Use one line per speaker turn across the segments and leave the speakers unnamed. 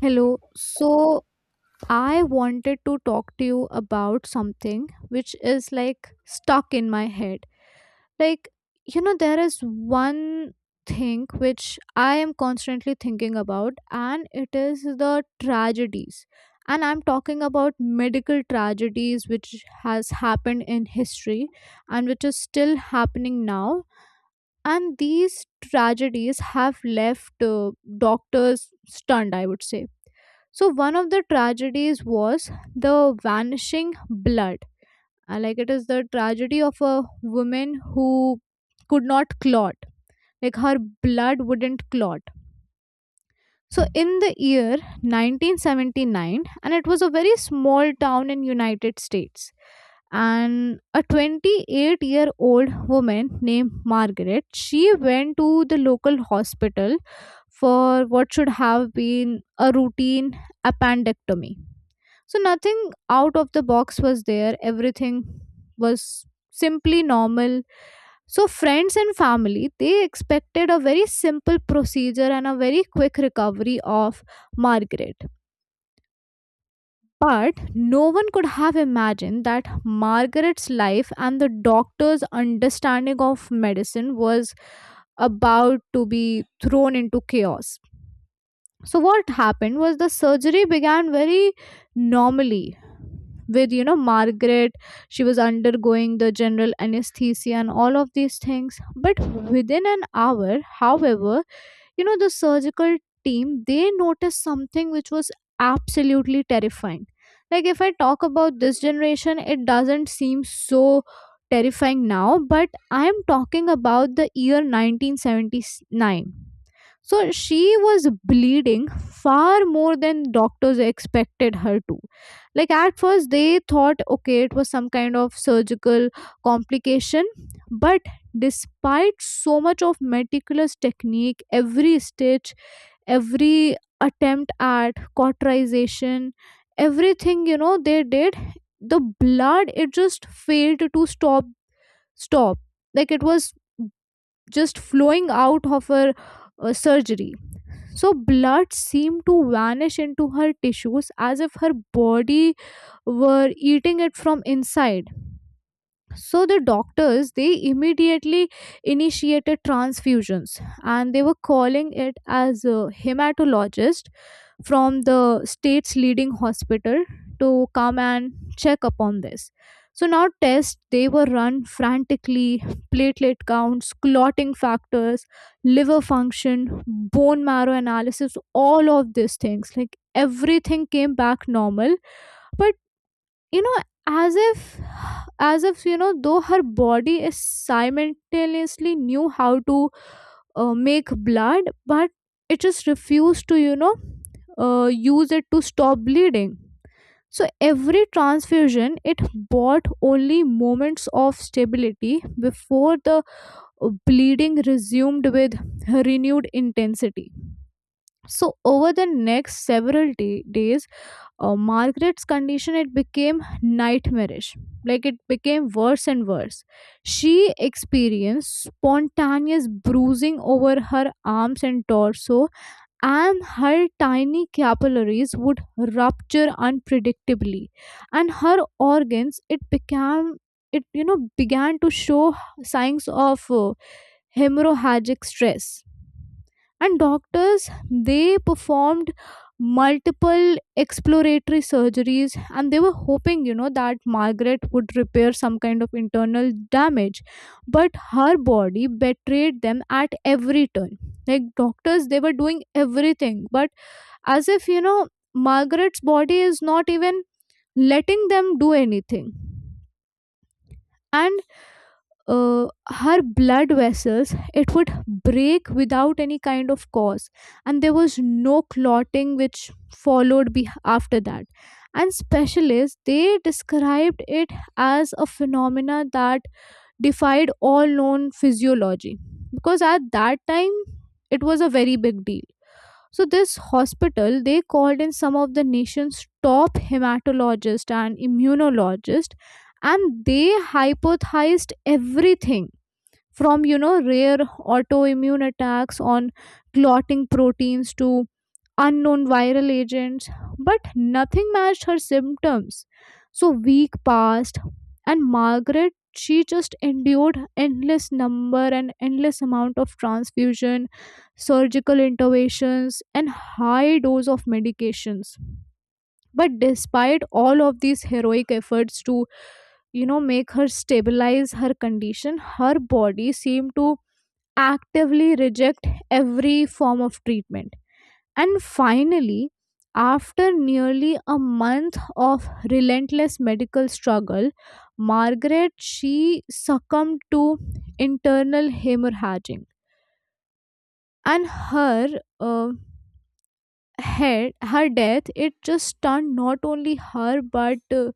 Hello. So, I wanted to talk to you about something which is like stuck in my head. Like, there is one thing which I am constantly thinking about, and it is the tragedies. And I'm talking about medical tragedies which has happened in history and which is still happening now. And these tragedies have left doctors stunned, I would say. So one of the tragedies was the vanishing blood. Like, it is the tragedy of a woman who could not clot. Like, her blood wouldn't clot. So in the year 1979, and it was a very small town in United States, and a 28-year-old woman named Margaret, she went to the local hospital for what should have been a routine appendectomy. So nothing out of the box was there. Everything was simply normal. So friends and family, they expected a very simple procedure and a very quick recovery of Margaret. But no one could have imagined that Margaret's life and the doctor's understanding of medicine was about to be thrown into chaos. So what happened was, the surgery began very normally with Margaret. She was undergoing the general anesthesia and all of these things, but within an hour, however, the surgical team, they noticed something which was absolutely terrifying. Like, if I talk about this generation, it doesn't seem so terrifying now, but I am talking about the year 1979. So she was bleeding far more than doctors expected her to. Like, at first, they thought, okay, it was some kind of surgical complication, but despite so much of meticulous technique, every stitch, every attempt at cauterization, everything they did, the blood, it just failed to stop. Like, it was just flowing out of her surgery. So blood seemed to vanish into her tissues, as if her body were eating it from inside. So the doctors, they immediately initiated transfusions, and they were calling it as a hematologist from the state's leading hospital to come and check upon this. So now tests, they were run frantically. Platelet counts, clotting factors, liver function, bone marrow analysis, all of these things, like, everything came back normal. But you know as if, as if though her body is simultaneously knew how to make blood, but it just refused to, use it to stop bleeding. So every transfusion, it bought only moments of stability before the bleeding resumed with renewed intensity. So over the next several days, Margaret's condition, it became nightmarish. Like, it became worse and worse. She experienced spontaneous bruising over her arms and torso, and her tiny capillaries would rupture unpredictably, and her organs, it became, it began to show signs of hemorrhagic stress. And doctors, they performed multiple exploratory surgeries, and they were hoping that Margaret would repair some kind of internal damage, but her body betrayed them at every turn. Like, doctors, they were doing everything, but as if, Margaret's body is not even letting them do anything. And her blood vessels, it would break without any kind of cause, and there was no clotting which followed after that. And specialists, they described it as a phenomena that defied all known physiology, because at that time, it was a very big deal. So this hospital, they called in some of the nation's top hematologists and immunologists, and they hypothesized everything from, rare autoimmune attacks on clotting proteins to unknown viral agents, but nothing matched her symptoms. So week passed, and Margaret, she just endured endless number and endless amount of transfusion, surgical interventions and high dose of medications. But despite all of these heroic efforts to, make her stabilize her condition, her body seemed to actively reject every form of treatment. And finally, after nearly a month of relentless medical struggle, Margaret, she succumbed to internal hemorrhaging, and her uh, head, her death, it just stunned not only her, but uh,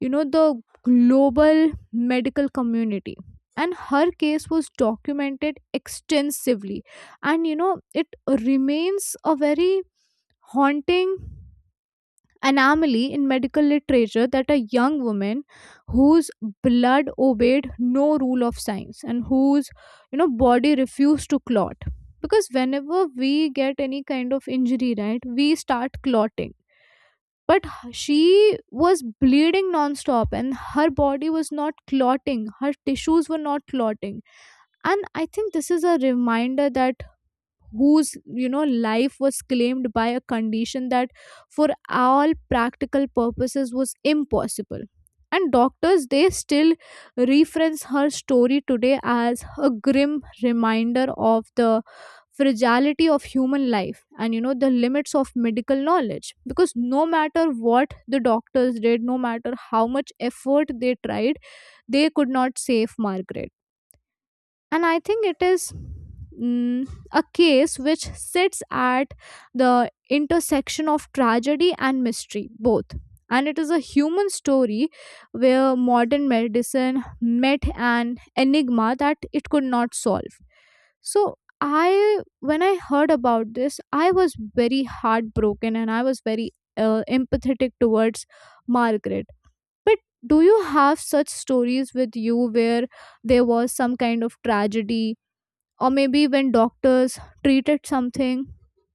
you know the global medical community. And her case was documented extensively, and it remains a very haunting anomaly in medical literature, that a young woman whose blood obeyed no rule of science and whose, body refused to clot. Because whenever we get any kind of injury, right, we start clotting, but she was bleeding nonstop, and her body was not clotting, her tissues were not clotting. And I think this is a reminder that, whose, life was claimed by a condition that for all practical purposes was impossible. And doctors, they still reference her story today as a grim reminder of the fragility of human life and, the limits of medical knowledge. Because no matter what the doctors did, no matter how much effort they tried, they could not save Margaret. And I think it is, a case which sits at the intersection of tragedy and mystery both. And it is a human story where modern medicine met an enigma that it could not solve. So I, when I heard about this, I was very heartbroken, and I was very empathetic towards Margaret. But do you have such stories with you, where there was some kind of tragedy, or maybe when doctors treated something?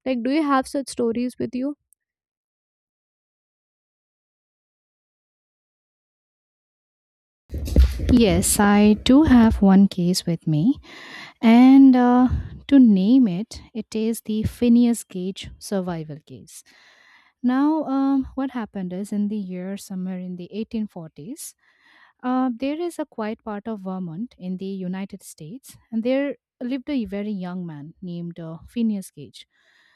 Like, do you have such stories with you?
Yes, I do have one case with me, and to name it, it is the Phineas Gage survival case. Now, what happened is in the year somewhere in the 1840s, there is a quiet part of Vermont in the United States, and there lived a very young man named Phineas Gage.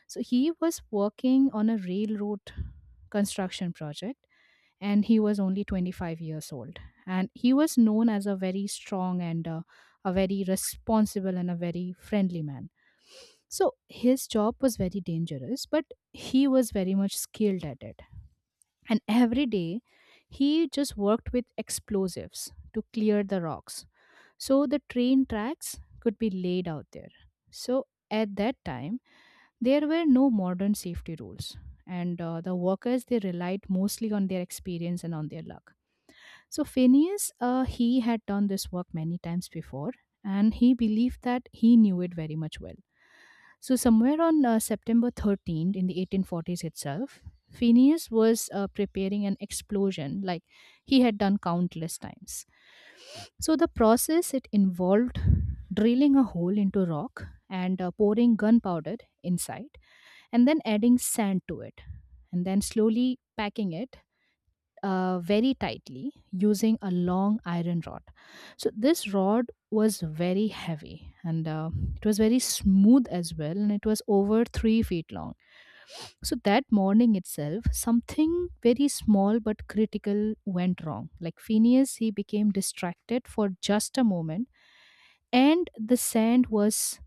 So he was working on a railroad construction project and he was only 25 years old and he was known as a very strong and a very responsible and a very friendly man. So his job was very dangerous, but he was very much skilled at it, and every day he just worked with explosives to clear the rocks so the train tracks could be laid out there. So at that time there were no modern safety rules, and the workers, they relied mostly on their experience and on their luck. So Phineas, he had done this work many times before, and he believed that he knew it very much well. So somewhere on September 13th in the 1840s itself, Phineas was preparing an explosion like he had done countless times. So the process, it involved drilling a hole into rock and pouring gunpowder inside, and then adding sand to it, and then slowly packing it very tightly using a long iron rod. So this rod was very heavy and it was very smooth as well, and it was over 3 feet long. So that morning itself, something very small but critical went wrong. Like Phineas, he became distracted for just a moment, and the sand was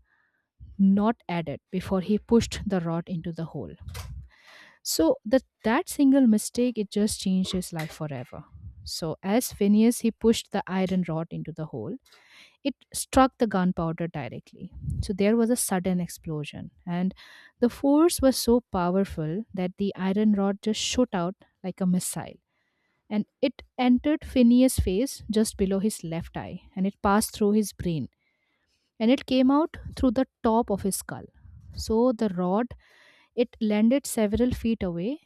not added before he pushed the rod into the hole. So that single mistake, it just changed his life forever. So as Phineas, he pushed the iron rod into the hole, it struck the gunpowder directly. So there was a sudden explosion, and the force was so powerful that the iron rod just shot out like a missile. And it entered Phineas' face just below his left eye, and it passed through his brain, and it came out through the top of his skull. So the rod, it landed several feet away,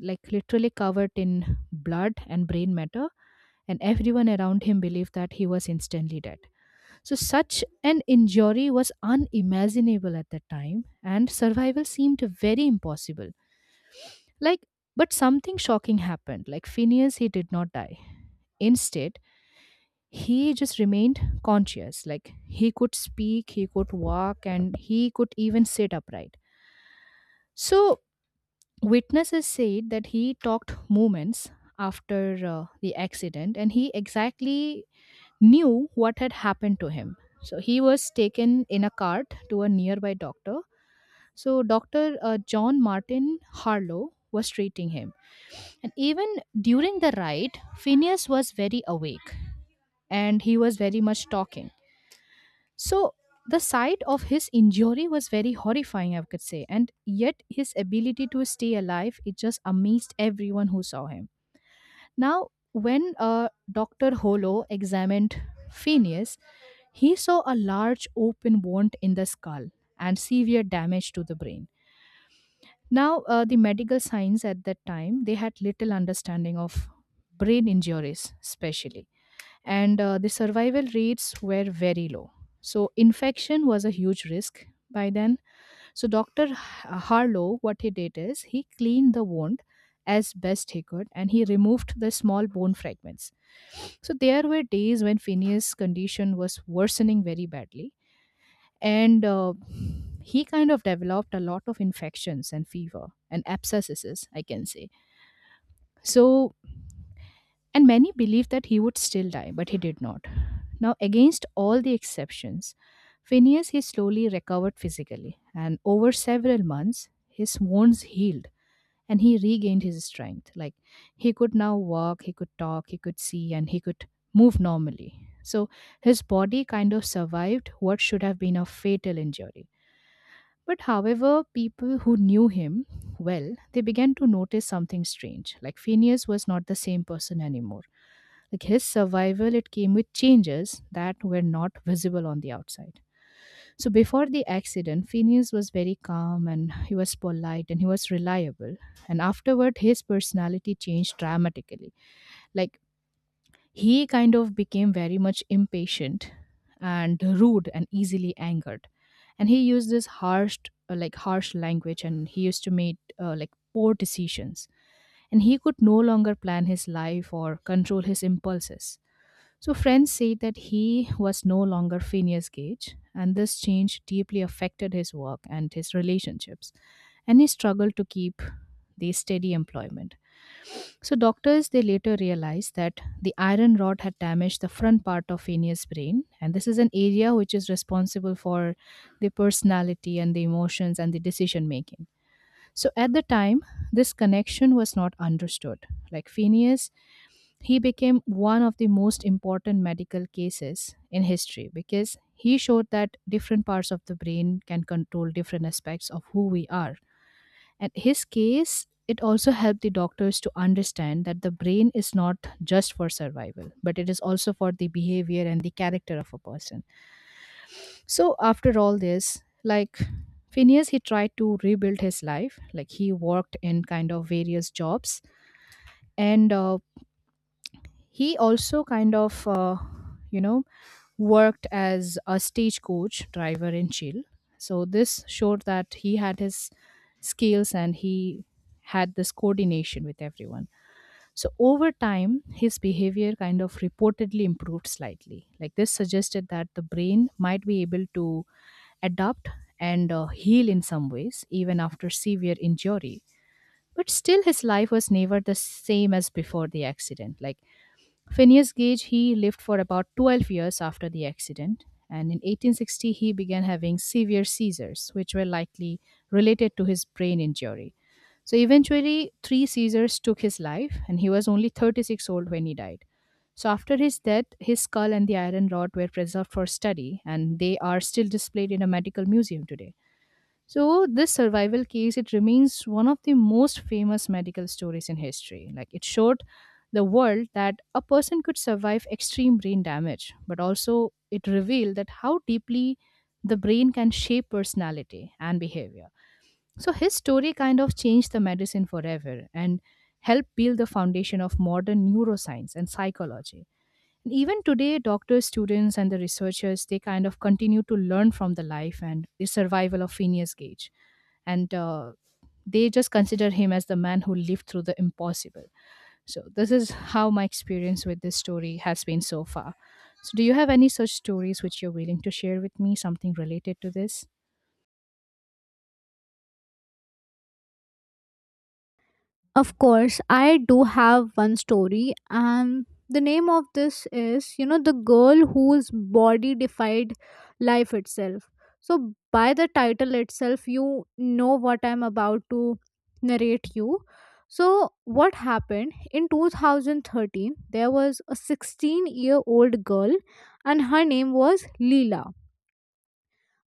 like literally covered in blood and brain matter, and everyone around him believed that he was instantly dead. So such an injury was unimaginable at the time, and survival seemed very impossible. Like, but something shocking happened. Like, Phineas, he did not die. Instead, he just remained conscious. Like, he could speak, he could walk, and he could even sit upright. So witnesses said that he talked moments after the accident, and he exactly knew what had happened to him. So he was taken in a cart to a nearby doctor. So Dr. John Martin Harlow was treating him. And even during the ride, Phineas was very awake and he was very much talking. So the sight of his injury was very horrifying, I could say, and yet his ability to stay alive, it just amazed everyone who saw him. Now, when Doctor Holo examined Phineas, he saw a large open wound in the skull and severe damage to the brain. Now, the medical science at that time, they had little understanding of brain injuries, especially, and the survival rates were very low. So infection was a huge risk by then. So Dr. Harlow, what he did is he cleaned the wound as best he could, and he removed the small bone fragments. So there were days when Phineas' condition was worsening very badly, and he kind of developed a lot of infections and fever and abscesses, I can say. So and many believed that he would still die, but he did not. Now, against all the exceptions, Phineas, he slowly recovered physically, and over several months, his wounds healed and he regained his strength. Like he could now walk, he could talk, he could see, and he could move normally. So his body kind of survived what should have been a fatal injury. But however, people who knew him well, they began to notice something strange. Like Phineas was not the same person anymore. Like his survival, it came with changes that were not visible on the outside. So before the accident, Phineas was very calm and he was polite and he was reliable. And afterward, his personality changed dramatically. Like he kind of became very much impatient and rude and easily angered. And he used this harsh, like harsh language, and he used to make like poor decisions. And he could no longer plan his life or control his impulses. So friends say that he was no longer Phineas Gage, and this change deeply affected his work and his relationships, and he struggled to keep the steady employment. So doctors, they later realized that the iron rod had damaged the front part of Phineas' brain, and this is an area which is responsible for the personality and the emotions and the decision making. So at the time, this connection was not understood. Like Phineas, he became one of the most important medical cases in history because he showed that different parts of the brain can control different aspects of who we are. And his case, it also helped the doctors to understand that the brain is not just for survival, but it is also for the behavior and the character of a person. So after all this, like Phineas, he tried to rebuild his life. Like he worked in kind of various jobs, and he also kind of you know worked as a stagecoach driver in Chile. So this showed that he had his skills and he had this coordination with everyone. So over time his behavior kind of reportedly improved slightly. Like this suggested that the brain might be able to adapt and heal in some ways even after severe injury. But still his life was never the same as before the accident. Like Phineas Gage, he lived for about 12 years after the accident, and in 1860 he began having severe seizures which were likely related to his brain injury. So eventually 3 seizures took his life, and he was only 36 old when he died. So after his death, his skull and the iron rod were preserved for study, and they are still displayed in a medical museum today. So this survival case, it remains one of the most famous medical stories in history. Like it showed the world that a person could survive extreme brain damage, but also it revealed that how deeply the brain can shape personality and behavior. So his story kind of changed the medicine forever and helped build the foundation of modern neuroscience and psychology. Even today, doctors, students, and the researchers, they kind of continue to learn from the life and the survival of Phineas Gage, and they just consider him as the man who lived through the impossible. So this is how my experience with this story has been so far. So do you have any such stories which you're willing to share with me, something related to this?
Of course, I do have one story, and the name of this is, the girl whose body defied life itself. So, by the title itself, you know what I'm about to narrate you. So, what happened in 2013? There was a 16-year-old girl, and her name was Leela,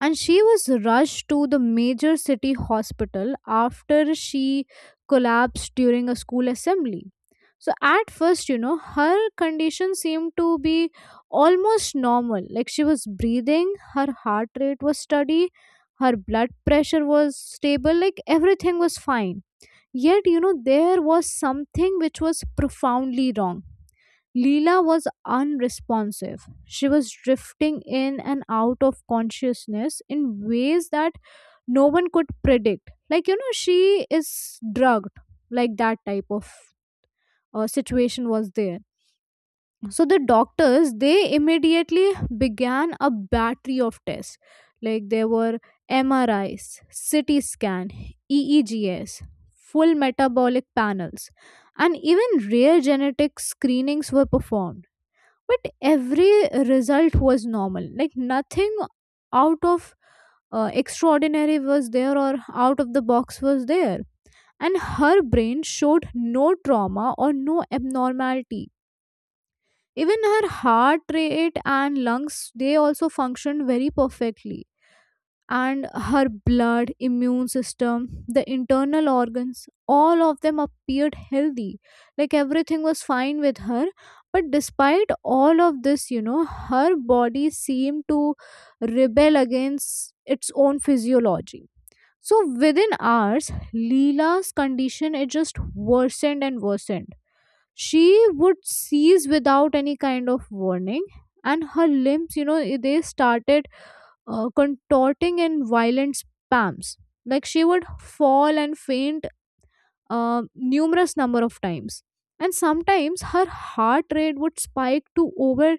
and she was rushed to the major city hospital after she collapsed during a school assembly. So at first, her condition seemed to be almost normal. Like, she was breathing, her heart rate was steady, her blood pressure was stable, like everything was fine. Yet, there was something which was profoundly wrong. Leela was unresponsive. She was drifting in and out of consciousness in ways that no one could predict. Like, she is drugged, like that type of situation was there. So the doctors, they immediately began a battery of tests. Like, there were MRIs, CT scan, EEGs, full metabolic panels, and even rare genetic screenings were performed. But every result was normal. Like, nothing out of extraordinary was there, or out of the box was there. And her brain showed no trauma or no abnormality. Even her heart rate and lungs, they also functioned very perfectly. And her blood, immune system, the internal organs, all of them appeared healthy. Like, everything was fine with her. But despite all of this, her body seemed to rebel against its own physiology. So within hours, Leela's condition, it just worsened and worsened. She would seize without any kind of warning, and her limbs, they started contorting in violent spasms. Like, she would fall and faint numerous number of times. And sometimes her heart rate would spike to over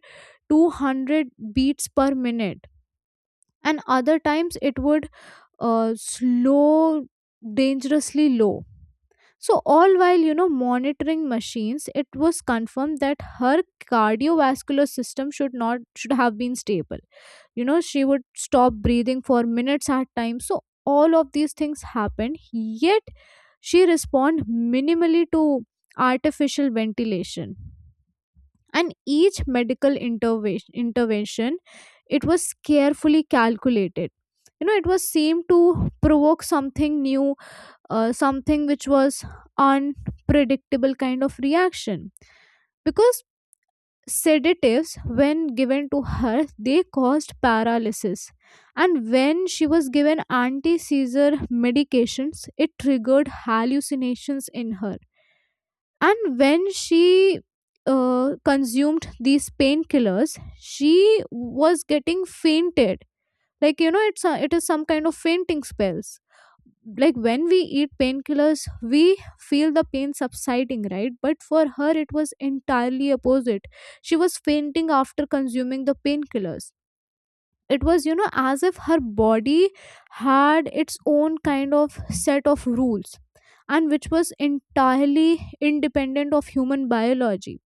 200 beats per minute, and other times it would slow dangerously low. So, all while, monitoring machines, it was confirmed that her cardiovascular system should not should have been stable. You know, she would stop breathing for minutes at time. So, all of these things happened. Yet, she respond minimally to artificial ventilation. And each medical intervention, it was carefully calculated. You know, it was seemed to provoke something new, something which was unpredictable kind of reaction. Because sedatives, when given to her, they caused paralysis. And when she was given anti-seizure medications, it triggered hallucinations in her. And when she consumed these painkillers, she was getting fainted. Like, it's it is some kind of fainting spells. Like, when we eat painkillers, we feel the pain subsiding, right? But for her, it was entirely opposite. She was fainting after consuming the painkillers. It was, as if her body had its own kind of set of rules, and which was entirely independent of human biology.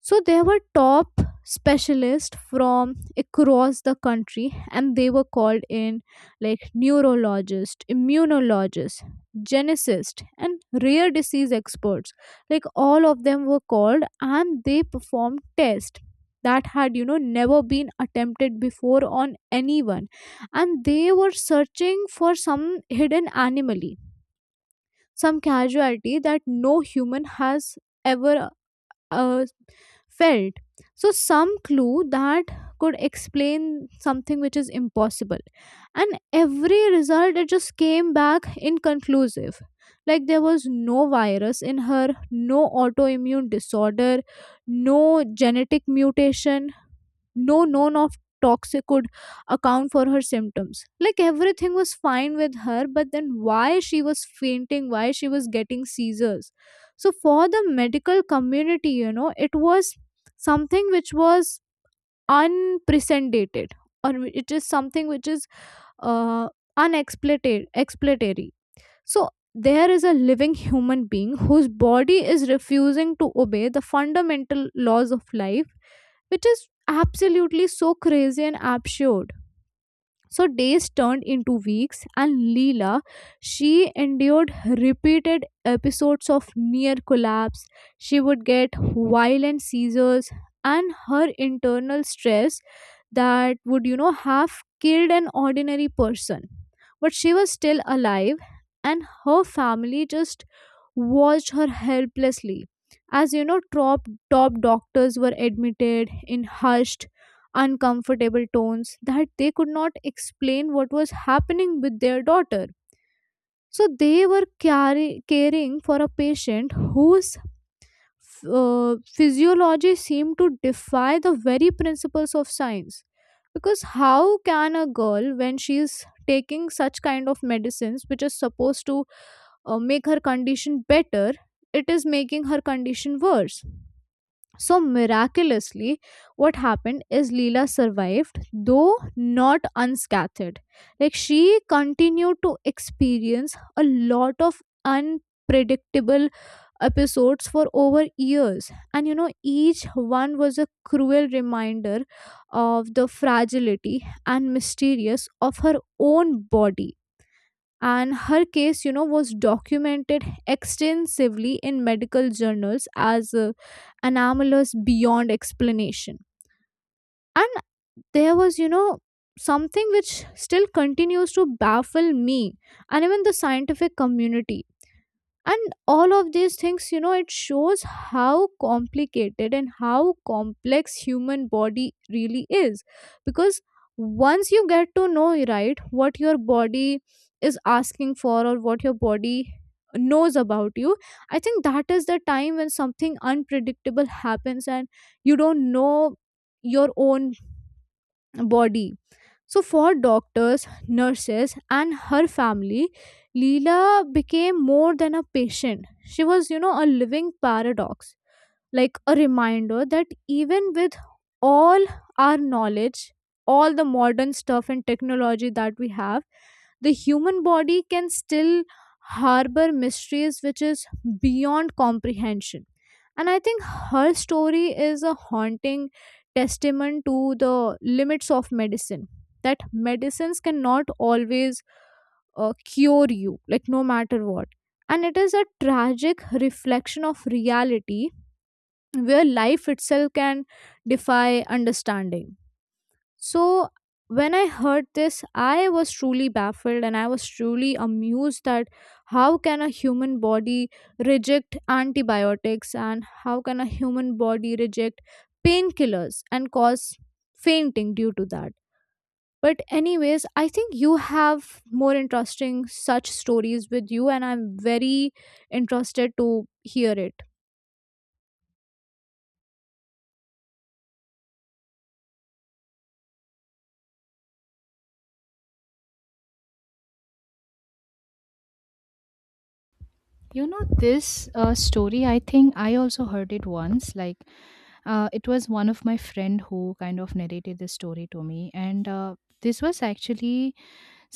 So there were top specialists from across the country, and they were called in, like neurologists, immunologists, geneticists, and rare disease experts. Like, all of them were called, and they performed tests that had, never been attempted before on anyone. And they were searching for some hidden anomaly, some casualty that no human has ever uh, felt. So, some clue that could explain something which is impossible. And every result, it just came back inconclusive. Like, there was no virus in her, no autoimmune disorder, no genetic mutation, no known of toxic could account for her symptoms. Like, everything was fine with her, but then why she was fainting, why she was getting seizures? So for the medical community, it was something which was unprecedented, or it is something which is uh, unexploited. So there is a living human being whose body is refusing to obey the fundamental laws of life, which is absolutely so crazy and absurd. So days turned into weeks, and Leela, she endured repeated episodes of near collapse. She would get violent seizures, and her internal stress that would, have killed an ordinary person. But she was still alive, and her family just watched her helplessly. As you know, top doctors were admitted in hushed uncomfortable tones that they could not explain what was happening with their daughter. So they were caring for a patient whose physiology seemed to defy the very principles of science. Because how can a girl, when she's taking such kind of medicines, which is supposed to make her condition better, it is making her condition worse? So, miraculously, what happened is, Leela survived, though not unscathed. Like, she continued to experience a lot of unpredictable episodes for over years. And each one was a cruel reminder of the fragility and mysterious of her own body. And her case, was documented extensively in medical journals as anomalous beyond explanation. And there was, something which still continues to baffle me, and even the scientific community. And all of these things, it shows how complicated and how complex human body really is. Because once you get to know, right, what your body is asking for, or what your body knows about you, I think that is the time when something unpredictable happens, and you don't know your own body. So, for doctors, nurses, and her family, Leela became more than a patient. She was, a living paradox, like a reminder that even with all our knowledge, all the modern stuff and technology that we have, the human body can still harbor mysteries which is beyond comprehension. And I think her story is a haunting testament to the limits of medicine, that medicines cannot always cure you, like no matter what. And it is a tragic reflection of reality where life itself can defy understanding. So, when I heard this, I was truly baffled and I was truly amused that how can a human body reject antibiotics, and how can a human body reject painkillers and cause fainting due to that. But, anyways, I think you have more interesting such stories with you, and I'm very interested to hear it.
You know, this story, I think I also heard it once. Like it was one of my friend who kind of narrated this story to me, and this was actually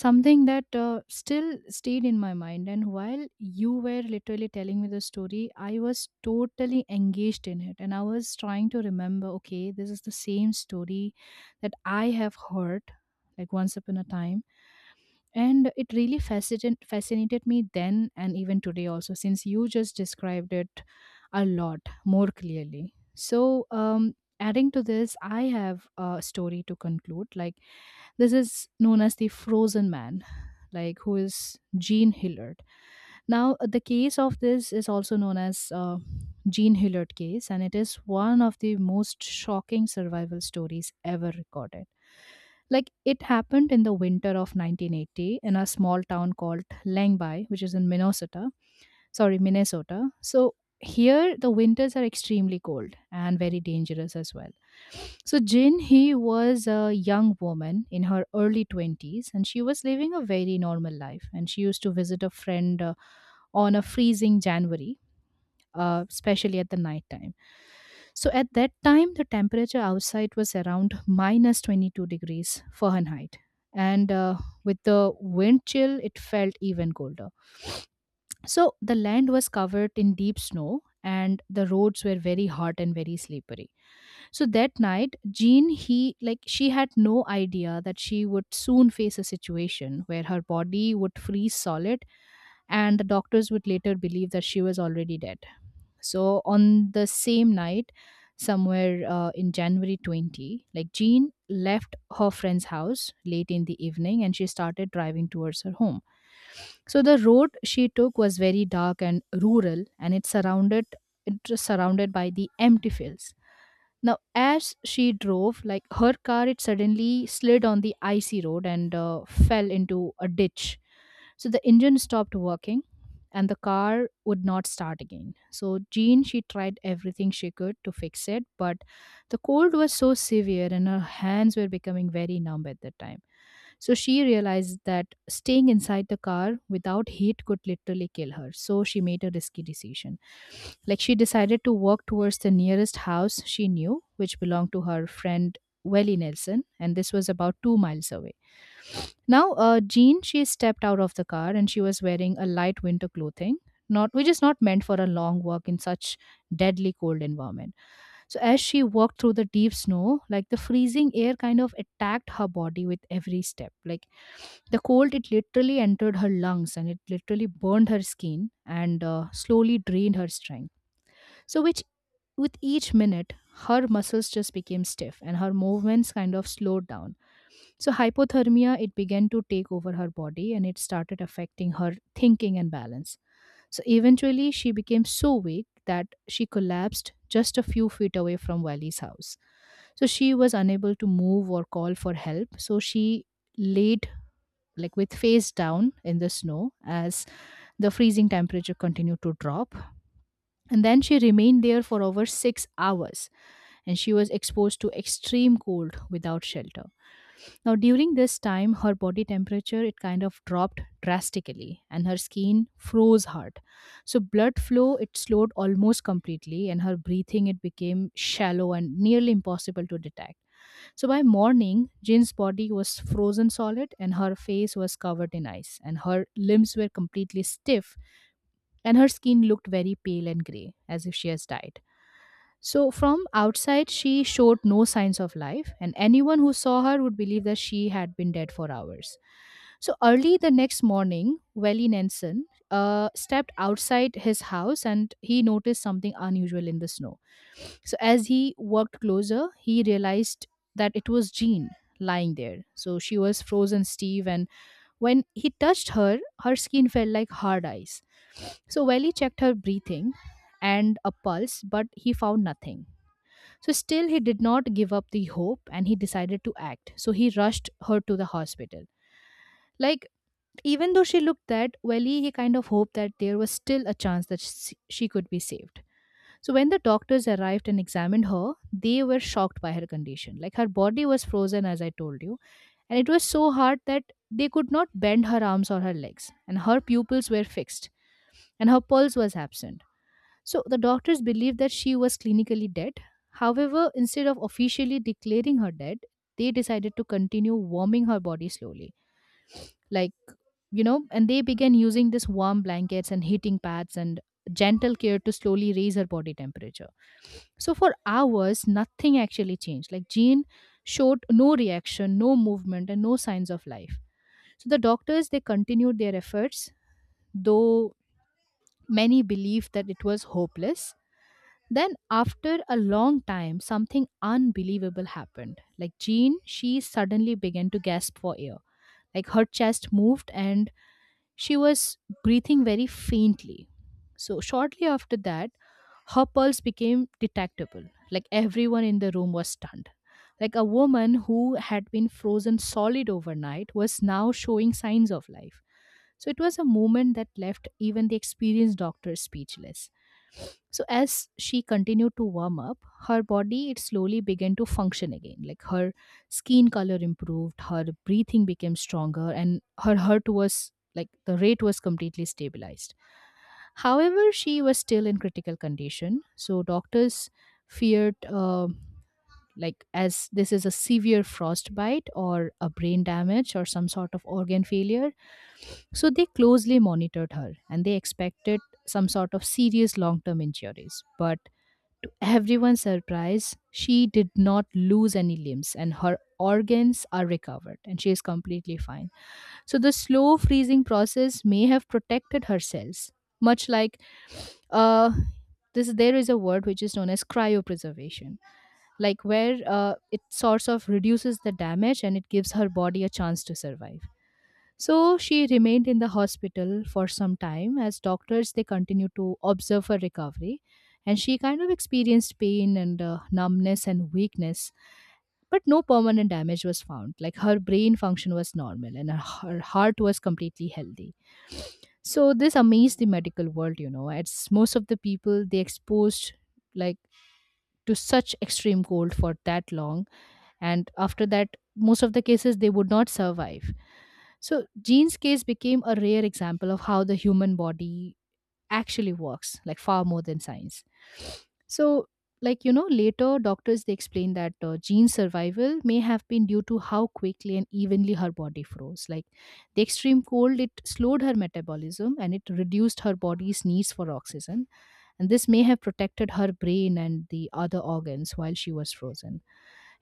something that still stayed in my mind. And while you were literally telling me the story, I was totally engaged in it, and I was trying to remember. Okay, this is the same story that I have heard, like once upon a time, and it really fascinated me then and even today also, since you just described it a lot more clearly. So, adding to this, I have a story to conclude. Like this is known as the Frozen Man, like, who is Gene Hillard. Now, the case of this is also known as Gene Hillard case, and it is one of the most shocking survival stories ever recorded. Like it happened in the winter of 1980 in a small town called Langby, which is in Minnesota. Sorry, Minnesota. So here the winters are extremely cold and very dangerous as well. So Jin, he was a young woman in her early 20s, and she was living a very normal life, and she used to visit a friend on a freezing January, especially at the night time. So at that time, the temperature outside was around minus 22 degrees Fahrenheit. And with the wind chill, it felt even colder. So the land was covered in deep snow, and the roads were very hot and very slippery. So that night, Jean, he, like she had no idea that she would soon face a situation where her body would freeze solid and the doctors would later believe that she was already dead. So on the same night, somewhere in January 20, Jean left her friend's house late in the evening and she started driving towards her home. So the road she took was very dark and rural and it was surrounded by the empty fields. Now, as she drove, like her car, it suddenly slid on the icy road and fell into a ditch. So the engine stopped working and the car would not start again. So Jean, she tried everything she could to fix it, but the cold was so severe and her hands were becoming very numb at that time. So she realized that staying inside the car without heat could literally kill her. So she made a risky decision. Like she decided to walk towards the nearest house she knew, which belonged to her friend Welly Nelson, and this was about 2 miles away. Now, Jean, she stepped out of the car and she was wearing a light winter clothing, not which is not meant for a long walk in such deadly cold environment. So as she walked through the deep snow, like the freezing air kind of attacked her body with every step. Like the cold, it literally entered her lungs and it literally burned her skin and slowly drained her strength. So, which With each minute, her muscles just became stiff and her movements kind of slowed down. So, hypothermia, it began to take over her body and it started affecting her thinking and balance. So, eventually, she became so weak that she collapsed just a few feet away from Wally's house. So, she was unable to move or call for help. So, she laid with face down in the snow as the freezing temperature continued to drop. And then she remained there for over 6 hours and she was exposed to extreme cold without shelter. Now, during this time, her body temperature it kind of dropped drastically and her skin froze hard. So, blood flow it slowed almost completely, and her breathing it became shallow and nearly impossible to detect. So by morning, Jin's body was frozen solid and her face was covered in ice, and her limbs were completely stiff, and her skin looked very pale and grey, as if she has died. So, from outside, she showed no signs of life, and anyone who saw her would believe that she had been dead for hours. So, early the next morning, Welly Nelson stepped outside his house and he noticed something unusual in the snow. So, as he walked closer, he realized that it was Jean lying there. So, she was frozen stiff and when he touched her, her skin felt like hard ice. So Welly checked her breathing and a pulse, but he found nothing. So still, he did not give up the hope and he decided to act. So he rushed her to the hospital. Like, even though she looked that, Welly, he kind of hoped that there was still a chance that she could be saved. So when the doctors arrived and examined her, they were shocked by her condition. Like, her body was frozen, as I told you, and it was so hard that they could not bend her arms or her legs, and her pupils were fixed, and her pulse was absent. So the doctors believed that she was clinically dead. However, instead of officially declaring her dead, they decided to continue warming her body slowly. Like, you know, and they began using this warm blankets and heating pads and gentle care to slowly raise her body temperature. So for hours, nothing actually changed. Like, Jean showed no reaction, no movement, and no signs of life. So the doctors they continued their efforts, though many believed that it was hopeless. Then after a long time, something unbelievable happened. Like Jean, she suddenly began to gasp for air. Like her chest moved and she was breathing very faintly. So, shortly after that, her pulse became detectable. Like everyone in the room was stunned. Like a woman who had been frozen solid overnight was now showing signs of life. So, it was a moment that left even the experienced doctor speechless. So as she continued to warm up, her body it slowly began to function again. Like her skin color improved, her breathing became stronger, and her heart was like the rate was completely stabilized. However, she was still in critical condition, so doctors feared like as this is a severe frostbite or a brain damage or some sort of organ failure. So they closely monitored her and they expected some sort of serious long-term injuries. But to everyone's surprise, she did not lose any limbs and her organs are recovered and she is completely fine. So the slow freezing process may have protected her cells, much like uh, this. There is a word which is known as cryopreservation, like where it sort of reduces the damage and it gives her body a chance to survive. So she remained in the hospital for some time as doctors they continued to observe her recovery and she kind of experienced pain and numbness and weakness but no permanent damage was found like her brain function was normal and her, her heart was completely healthy so this amazed the medical world, you know. It's most of the people they exposed like to such extreme cold for that long, and after that, most of the cases they would not survive. So Jean's case became a rare example of how the human body actually works like far more than science so like you know later doctors they explain that gene survival may have been due to how quickly and evenly her body froze like the extreme cold it slowed her metabolism and it reduced her body's needs for oxygen and this may have protected her brain and the other organs while she was frozen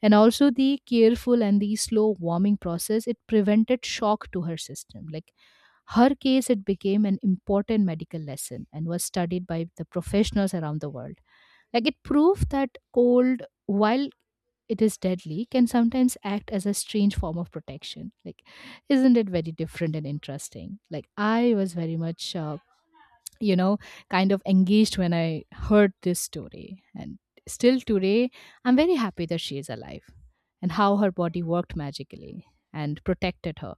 and also the careful and the slow warming process it prevented shock to her system like her case, it became an important medical lesson and was studied by the professionals around the world. Like it proved that cold, while it is deadly, can sometimes act as a strange form of protection. Like, isn't it very different and interesting? Like, I was very much you know, kind of engaged when I heard this story. And still today, I'm very happy that she is alive and how her body worked magically and protected her.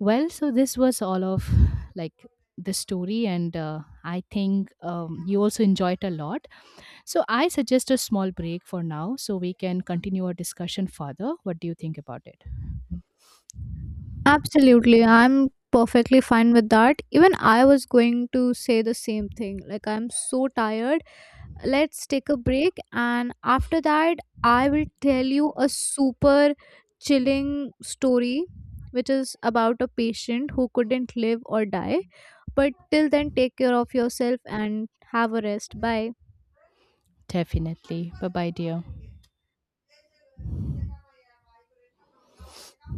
Well, so this was all of like the story, and I think you also enjoyed a lot. So I suggest a small break for now so we can continue our discussion further. What do you think about it?
Absolutely. I'm perfectly fine with that. Even I was going to say the same thing. Like, I'm so tired. Let's take a break. And after that, I will tell you a super chilling story, which is about a patient who couldn't live or die. But till then, take care of yourself and have a rest. Bye.
Definitely. Bye bye, dear.